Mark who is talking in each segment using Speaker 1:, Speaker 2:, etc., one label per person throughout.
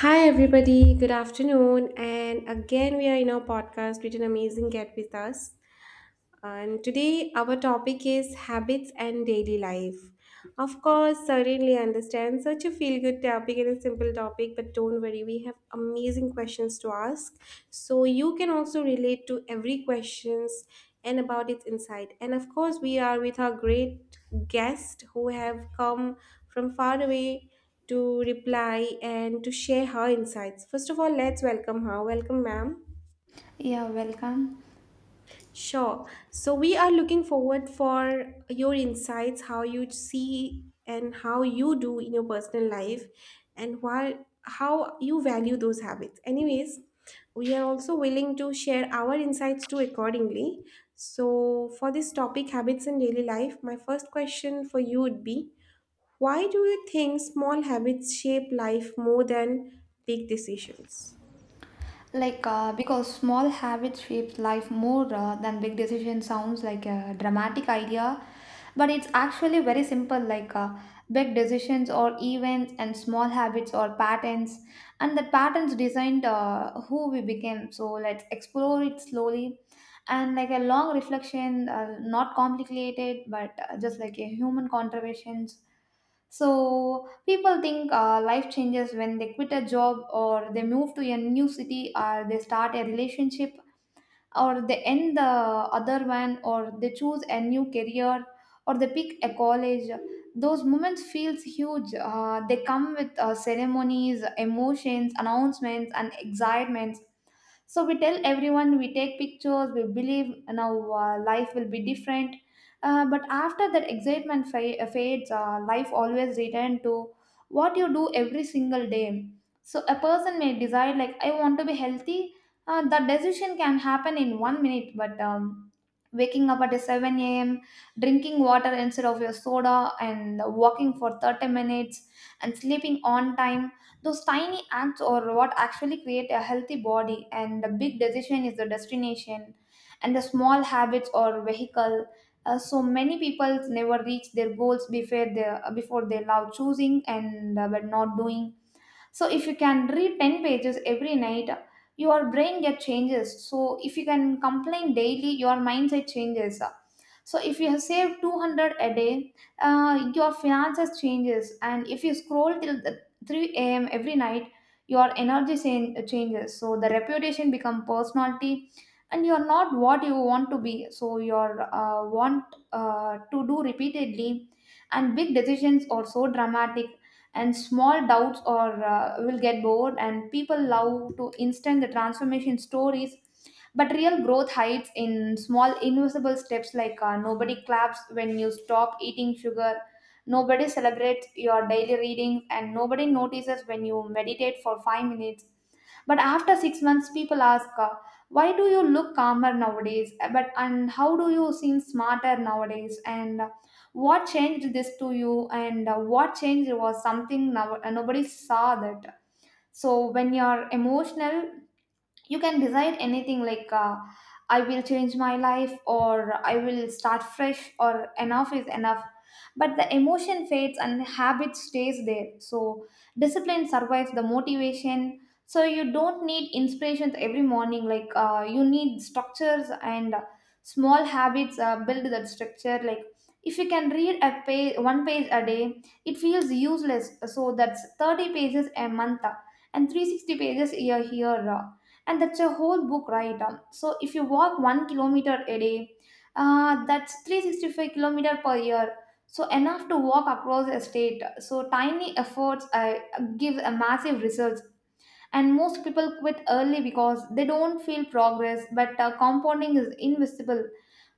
Speaker 1: Hi, everybody. Good afternoon. And again, we are in our podcast with an amazing guest with us. And today, our topic is habits and daily life. Of course, certainly understand such a feel good topic and a simple topic, but don't worry, we have amazing questions to ask. So, you can also relate to every questions and about its insight. And of course, we are with our great guest who have come from far away to reply and to share her insights. First of all, let's welcome her. Welcome, ma'am.
Speaker 2: Yeah, welcome.
Speaker 1: Sure. So we are looking forward for your insights, how you see and how you do in your personal life and why, how you value those habits. Anyways, we are also willing to share our insights too accordingly. So for this topic, habits in daily life, my first question for you would be, why do you think small habits shape life more than big decisions?
Speaker 2: Because small habits shape life more than big decision sounds like a dramatic idea, but it's actually very simple. Big decisions or events and small habits or patterns, and the patterns designed who we became. So let's explore it slowly, and like a long reflection, not complicated, but just like a human contributions. So people think life changes when they quit a job or they move to a new city or they start a relationship or they end the other one or they choose a new career or they pick a college. Those moments feels huge. They come with ceremonies, emotions, announcements, and excitements, so we tell everyone, we take pictures, we believe now life will be different, but after that excitement fades. Life always return to what you do every single day. So a person may decide, like, I want to be healthy. That decision can happen in 1 minute, but waking up at 7 a.m., drinking water instead of your soda and walking for 30 minutes and sleeping on time, those tiny acts are what actually create a healthy body, and the big decision is the destination, and the small habits or vehicle. So many people never reach their goals before they love choosing and but not doing. So if you can read 10 pages every night, your brain get changes. So if you can complain daily, your mindset changes. So if you have saved 200 a day, your finances changes. And if you scroll till the 3 a.m. every night, your energy changes. So the reputation become personality, and you're not what you want to be, so you're want to do repeatedly. And big decisions are so dramatic, and small doubts or will get bored, and people love to instant the transformation stories, but real growth hides in small invisible steps. Nobody claps when you stop eating sugar, nobody celebrates your daily readings, and nobody notices when you meditate for 5 minutes. But after 6 months, people ask, why do you look calmer nowadays? But and how do you seem smarter nowadays? And what changed this to you? And what changed was something now, nobody saw that. So when you're emotional, you can decide anything, like, I will change my life, or I will start fresh, or enough is enough. But the emotion fades and habit stays there. So discipline survives the motivation. So you don't need inspirations every morning. You need structures, and small habits build that structure. Like, if you can read a page, one page a day, it feels useless. So that's 30 pages a month, and 360 pages a year, and that's a whole book, right? So if you walk 1 kilometer a day, that's 365 kilometer per year, so enough to walk across a state. So tiny efforts give a massive results, and most people quit early because they don't feel progress, but compounding is invisible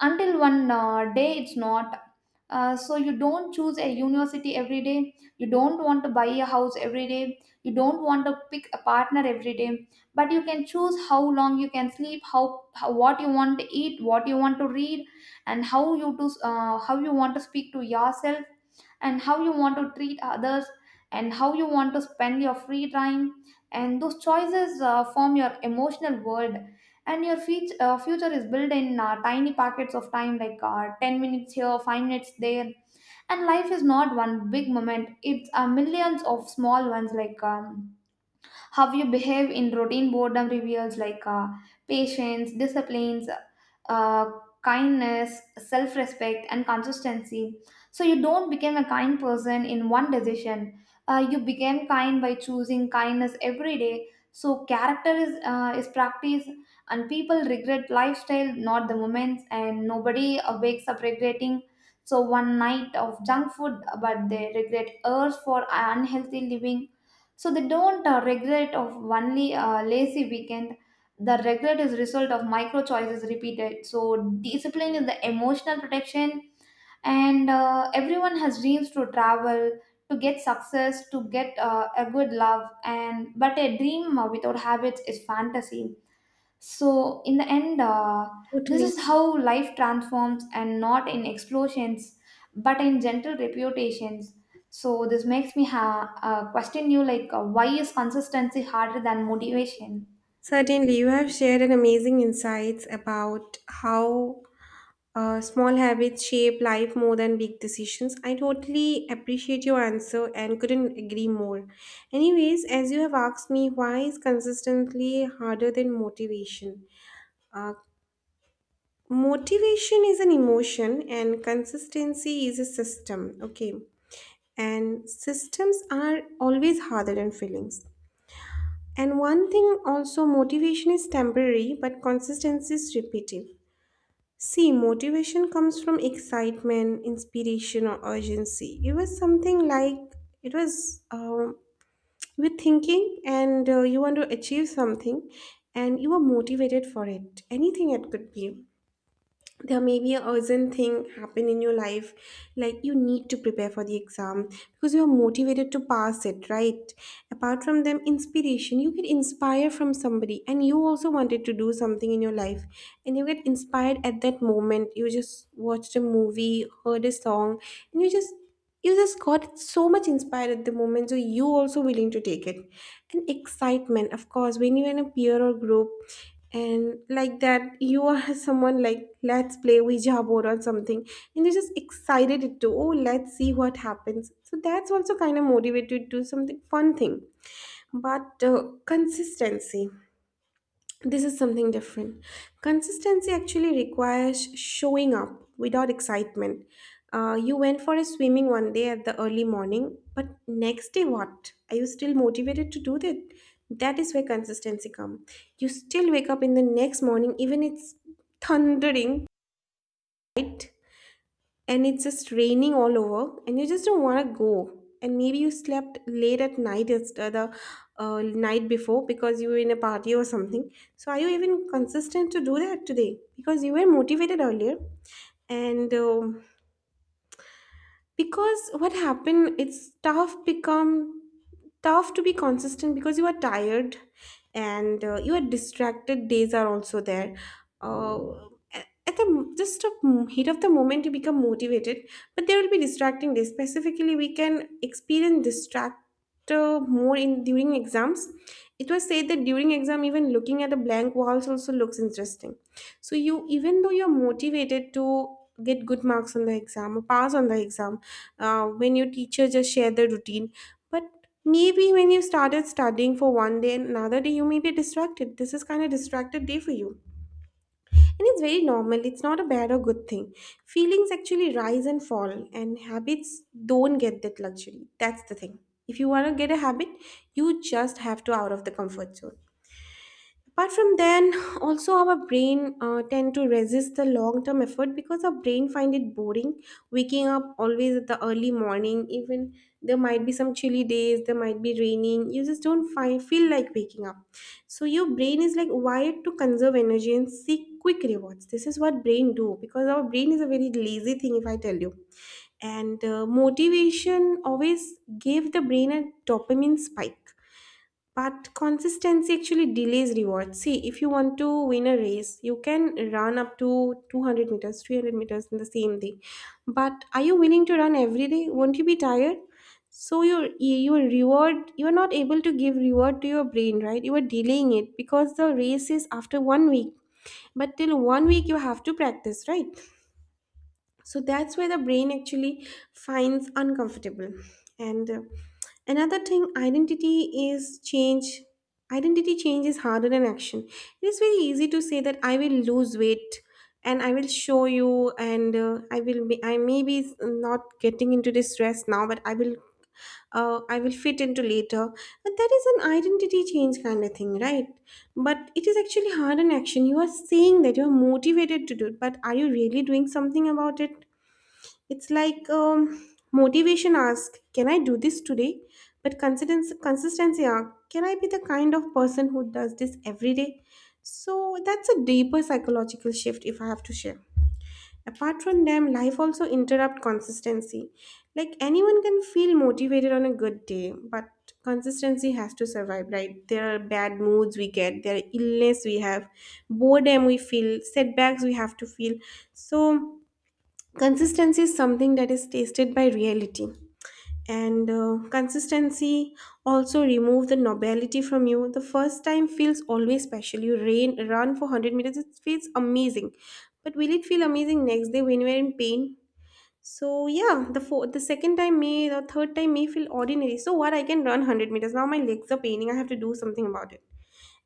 Speaker 2: until one day it's not. So you don't choose a university every day, you don't want to buy a house every day, you don't want to pick a partner every day, but you can choose how long you can sleep, how what you want to eat, what you want to read, and how you to how you want to speak to yourself, and how you want to treat others, and how you want to spend your free time. And those choices form your emotional world, and your future is built in tiny pockets of time, like 10 minutes here, 5 minutes there. And life is not one big moment, it's millions of small ones. How you behave in routine boredom reveals, like, patience, disciplines, uh, kindness, self-respect, and consistency. So you don't become a kind person in one decision. You became kind by choosing kindness every day. So character is is practice. And people regret lifestyle, not the moments. And nobody wakes up regretting so one night of junk food, but they regret hours for unhealthy living. So they don't regret of only lazy weekend. The regret is result of micro choices repeated. So discipline is the emotional protection. And everyone has dreams to travel, to get success, to get a good love and but a dream without habits is fantasy. So, in the end, this
Speaker 1: Totally.
Speaker 2: is how life transforms, and not in explosions, but in gentle reputations. So, this makes me question you, like, why is consistency harder than motivation?
Speaker 1: Certainly, you have shared an amazing insights about how small habits shape life more than big decisions. I totally appreciate your answer and couldn't agree more. Anyways, as you have asked me, why is consistently harder than motivation? Uh, Motivation is an emotion and consistency is a system, okay? And systems are always harder than feelings. And one thing also, motivation is temporary, but consistency is repetitive. See, motivation comes from excitement, inspiration, or urgency. It was something like it was with thinking, and you want to achieve something, and you are motivated for it. Anything it could be, there may be a urgent thing happen in your life, like you need to prepare for the exam because you are motivated to pass it, right? Apart from them, inspiration, you get inspired from somebody and you also wanted to do something in your life, and you get inspired at that moment. You just watched a movie, heard a song, and you just got so much inspired at the moment, so you also willing to take it. And excitement, of course, when you're in a peer or group, and like that you are someone like, let's play ouija board or something, and you're just excited to, oh, let's see what happens. So that's also kind of motivated to do something fun thing. But consistency, this is something different. Consistency actually requires showing up without excitement. You went for a swimming one day at the early morning, but next day what? Are you still motivated to do that? That is where consistency comes. You still wake up in the next morning, even it's thundering, right? And it's just raining all over and you just don't want to go, and maybe you slept late at night the night before because you were in a party or something. So are you even consistent to do that today because you were motivated earlier? And because what happened, it's tough, become tough to be consistent because you are tired, and you are distracted days are also there. Uh, at at the just a heat of the moment you become motivated, but there will be distracting days. Specifically, we can experience distractor more in during exams. It was said that during exam even looking at a blank walls also looks interesting. So you, even though you're motivated to get good marks on the exam or pass on the exam, when your teacher just share the routine, but maybe when you started studying for one day and another day, you may be distracted. This is kind of distracted day for you, and it's very normal. It's not a bad or good thing. Feelings actually rise and fall, and habits don't get that luxury. That's the thing. If you want to get a habit, you just have to out of the comfort zone. Apart from then, also our brain tend to resist the long-term effort because our brain find it boring. Waking up always at the early morning, even there might be some chilly days, there might be raining. You just don't find, feel like waking up. So your brain is like wired to conserve energy and seek quick rewards. This is what brain do because our brain is a very lazy thing, if I tell you. And motivation always gave the brain a dopamine spike, but consistency actually delays rewards. See, if you want to win a race, you can run up to 200 meters, 300 meters in the same day. But are you willing to run every day? Won't you be tired? So your reward, you are not able to give reward to your brain, right? You are delaying it because the race is after 1 week. But till 1 week, you have to practice, right? So that's where the brain actually finds uncomfortable. And another thing, identity is change. Identity change is harder than action. It is very easy to say that I will lose weight and I will show you, and I may be not getting into this dress now but I will, I will fit into later. But that is an identity change kind of thing, right? But it is actually hard in action. You are saying that you are motivated to do it, but are you really doing something about it? It's like motivation ask, can I do this today? But consistency asks, can I be the kind of person who does this every day? So that's a deeper psychological shift if I have to share. Apart from them, life also interrupt consistency. Like anyone can feel motivated on a good day, but consistency has to survive, right? There are bad moods we get, there are illness we have, boredom we feel, setbacks we have to feel. So consistency is something that is tasted by reality. And consistency also remove the nobility from you. The first time feels always special. You rain, run for 100 meters, it feels amazing. But will it feel amazing next day when you are in pain? So yeah, the second time may, the third time may feel ordinary. So what, I can run 100 meters now, my legs are paining, I have to do something about it.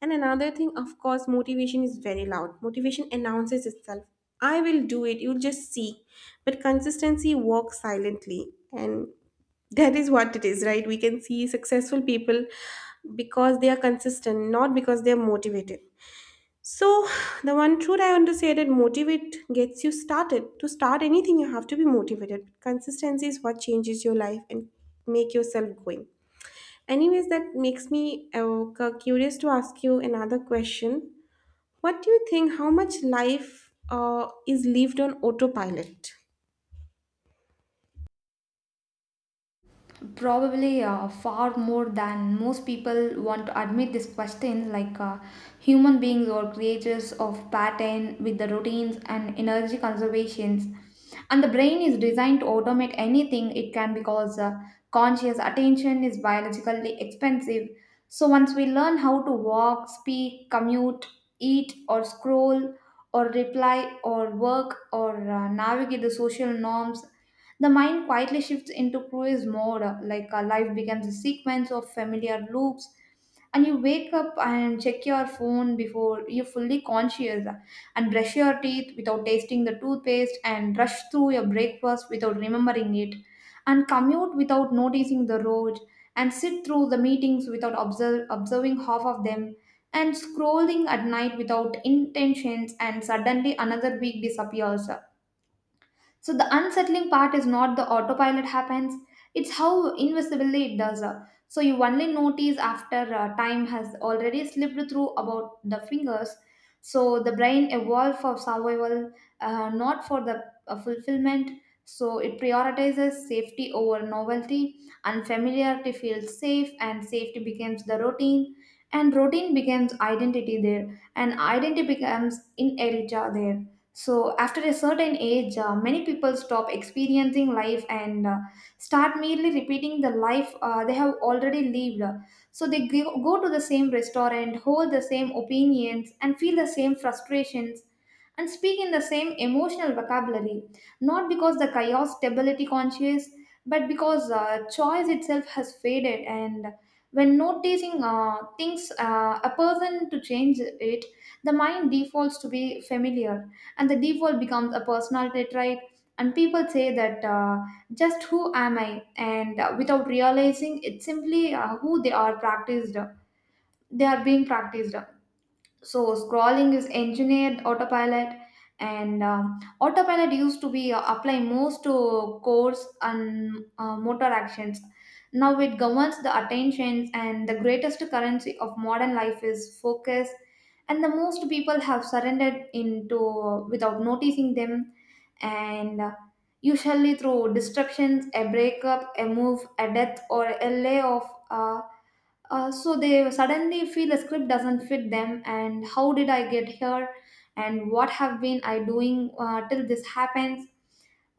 Speaker 1: And another thing, of course, motivation is very loud. Motivation announces itself. I will do it. You'll just see. But consistency works silently. And that is what it is, right? We can see successful people because they are consistent, not because they are motivated. So, the one truth I want to say that motivate gets you started. To start anything, you have to be motivated. Consistency is what changes your life and make yourself going. Anyways, that makes me curious to ask you another question. What do you think? How much life is lived on autopilot?
Speaker 2: Probably far more than most people want to admit this question. Human beings are creatures of pattern with the routines and energy conservations, and the brain is designed to automate anything it can because conscious attention is biologically expensive. So once we learn how to walk, speak, commute, eat, or scroll, or reply, or work, or navigate the social norms, the mind quietly shifts into cruise mode, life becomes a sequence of familiar loops. And you wake up and check your phone before you're fully conscious, and brush your teeth without tasting the toothpaste, and rush through your breakfast without remembering it, and commute without noticing the road, and sit through the meetings without observing half of them, and scrolling at night without intentions, and suddenly another week disappears. So the unsettling part is not the autopilot happens, it's how invisibly it does. So you only notice after time has already slipped through about the fingers. So the brain evolved for survival, not for the fulfillment. So it prioritizes safety over novelty, unfamiliarity feels safe, and safety becomes the routine, and routine becomes identity there, and identity becomes inertia there. So, after a certain age, many people stop experiencing life and start merely repeating the life they have already lived. So, they go to the same restaurant, hold the same opinions, and feel the same frustrations, and speak in the same emotional vocabulary, not because the chaos stability conscious, but because choice itself has faded. And when noticing things, a person to change it, the mind defaults to be familiar, and the default becomes a personality trait. And people say that, just who am I? And without realizing, it's simply who they are practiced, they are being practiced. So scrolling is engineered autopilot. And autopilot used to be applied most to course and motor actions. Now it governs the attentions, and the greatest currency of modern life is focus, and the most people have surrendered into without noticing them. And usually through disruptions, a breakup, a move, a death, or a layoff. Uh, so they suddenly feel the script doesn't fit them, and how did I get here, and what have been I doing till this happens.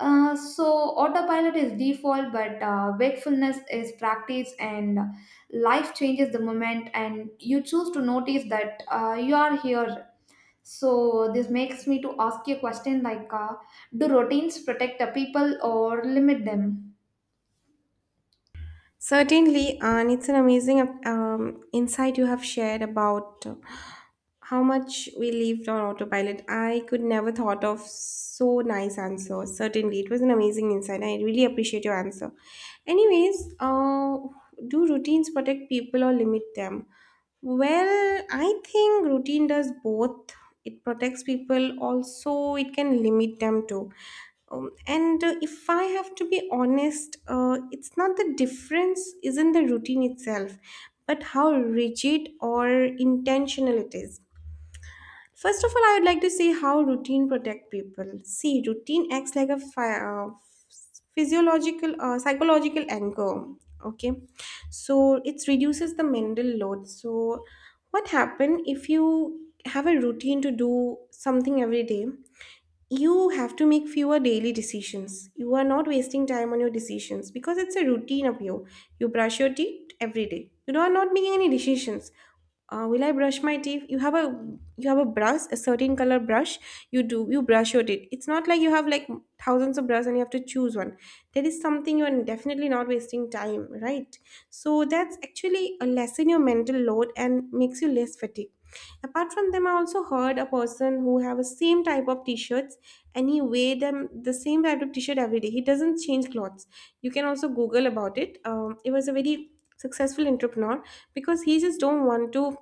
Speaker 2: So autopilot is default, but wakefulness is practice. And life changes the moment and you choose to notice that you are here. So this makes me to ask you a question, like, do routines protect the people or limit them?
Speaker 1: Certainly, and it's an amazing insight you have shared about how much we lived on autopilot. I could never thought of so nice answer. Certainly, it was an amazing insight. I really appreciate your answer. Anyways, do routines protect people or limit them? Well, I think routine does both. It protects people, also, it can limit them too. And If I have to be honest, it's not the difference isn't the routine itself, but how rigid or intentional it is. First of all, I would like to say how routine protect people. See, routine acts like a physiological, psychological anchor. Okay, so it reduces the mental load. So, what happen if you have a routine to do something every day? You have to make fewer daily decisions. You are not wasting time on your decisions because it's a routine of you. You brush your teeth every day. You are not making any decisions. Will I brush my teeth? You have a brush, a certain color brush. You brush your teeth. It's not like you have like thousands of brushes and you have to choose one. There is something you are definitely not wasting time, right? So that's actually a lessen your mental load and makes you less fatigued. Apart from them, I also heard a person who have a same type of t-shirts, and he wear them the same type of t-shirt every day. He doesn't change clothes. You can also google about it. It was a very successful entrepreneur because he just don't want to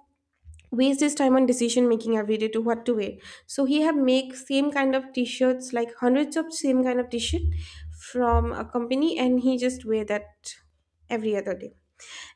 Speaker 1: waste his time on decision making every day to what to wear. So he have make same kind of t-shirts, like hundreds of same kind of t-shirt from a company, and he just wear that every other day.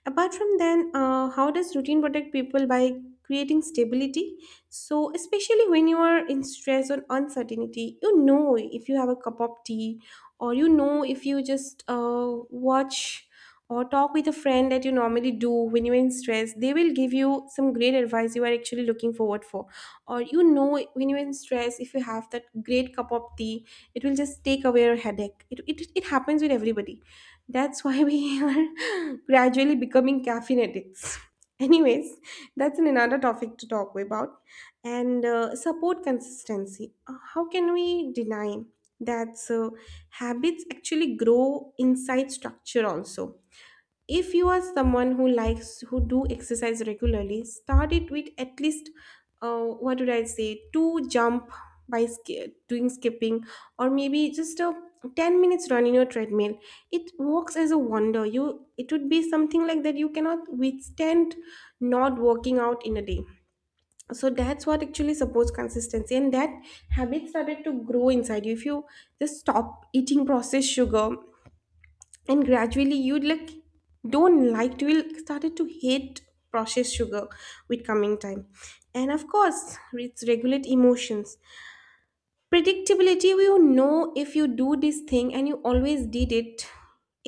Speaker 1: Apart from then, how does routine protect people by creating stability? So, especially when you are in stress or uncertainty, you know if you have a cup of tea, or you know if you just watch or talk with a friend that you normally do when you're in stress, they will give you some great advice you are actually looking forward for. Or you know, when you're in stress if you have that great cup of tea, it will just take away your headache. It happens with everybody. That's why we are gradually becoming caffeine addicts. Anyways, that's an another topic to talk about. And support consistency. How can we deny that habits actually grow inside structure also? If you are someone who likes who do exercise regularly, start it with at least what would I say, two jump by doing skipping, or maybe just a 10 minutes run in your treadmill. It works as a wonder. You, it would be something like that you cannot withstand not working out in a day. So that's what actually supports consistency, and that habit started to grow inside you. If you just stop eating processed sugar, and gradually you like don't like to, will started to hate processed sugar with coming time. And of course it's regulate emotions, predictability. You know if you do this thing and you always did it,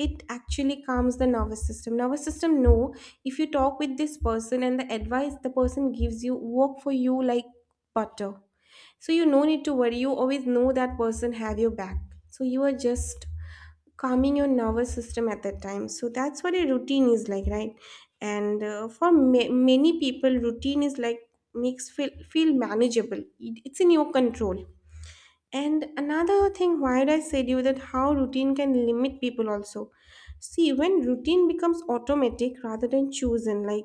Speaker 1: it actually calms the nervous system. Nervous system know, if you talk with this person and the advice the person gives you work for you like butter, so you no need to worry, you always know that person have your back. So you are just calming your nervous system at that time. So that's what a routine is like, right? And for many people routine is like makes feel manageable. It's in your control. And another thing why did I said you that how routine can limit people also. See, when routine becomes automatic rather than chosen, like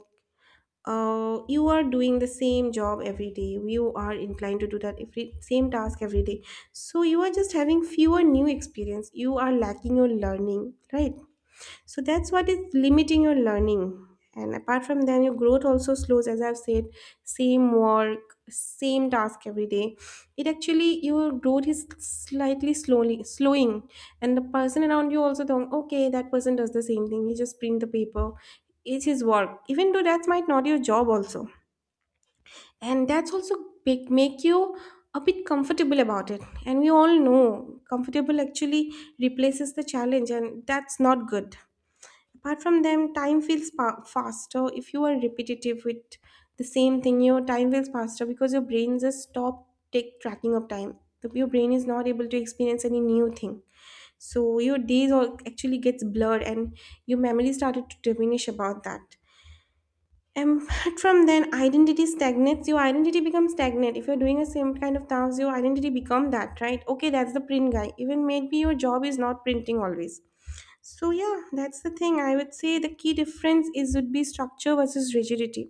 Speaker 1: you are doing the same job every day, you are inclined to do that every same task every day. So you are just having fewer new experience, you are lacking your learning, right? So that's what is limiting your learning. And apart from that, your growth also slows. As I've said, same work, same task every day, it actually your growth is slightly slowly slowing. And the person around you also think, okay, that person does the same thing, he just print the paper, it's his work, even though that's might not your job also. And that's also make you a bit comfortable about it, and we all know comfortable actually replaces the challenge and that's not good. Apart from them, time feels faster if you are repetitive with the same thing. Your time feels faster because your brain just stop take tracking of time. Your brain is not able to experience any new thing, so your days all actually gets blurred and your memory started to diminish about that. And apart from then, identity stagnates. Your identity becomes stagnant. If you're doing a same kind of task, your identity become that, right? Okay, that's the print guy. Even maybe your job is not printing always. So yeah, that's the thing. I would say the key difference is would be structure versus rigidity.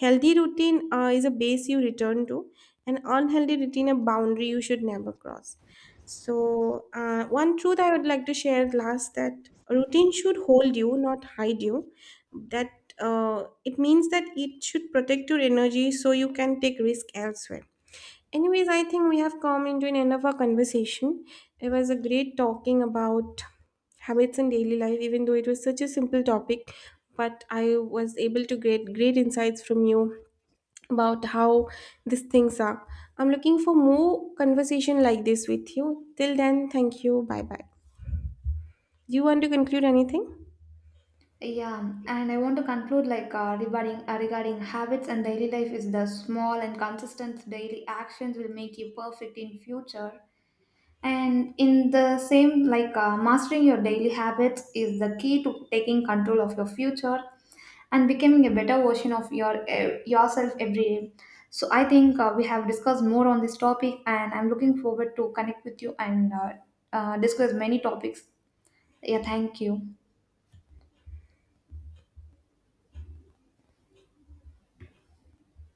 Speaker 1: Healthy routine is a base you return to, and unhealthy routine a boundary you should never cross. So one truth I would like to share last, that routine should hold you, not hide you. That It means that it should protect your energy so you can take risk elsewhere. Anyways, I think we have come into an end of our conversation. It was a great talking about habits in daily life, even though it was such a simple topic. But I was able to get great insights from you about how these things are. I'm looking for more conversation like this with you. Till then, thank you. Bye bye. Do you want to conclude anything?
Speaker 2: Yeah, and I want to conclude, like, regarding habits and daily life is the small and consistent daily actions will make you perfect in future. And in the same, mastering your daily habits is the key to taking control of your future and becoming a better version of your yourself every day. So I think we have discussed more on this topic, and I'm looking forward to connect with you and discuss many topics. Yeah, thank you.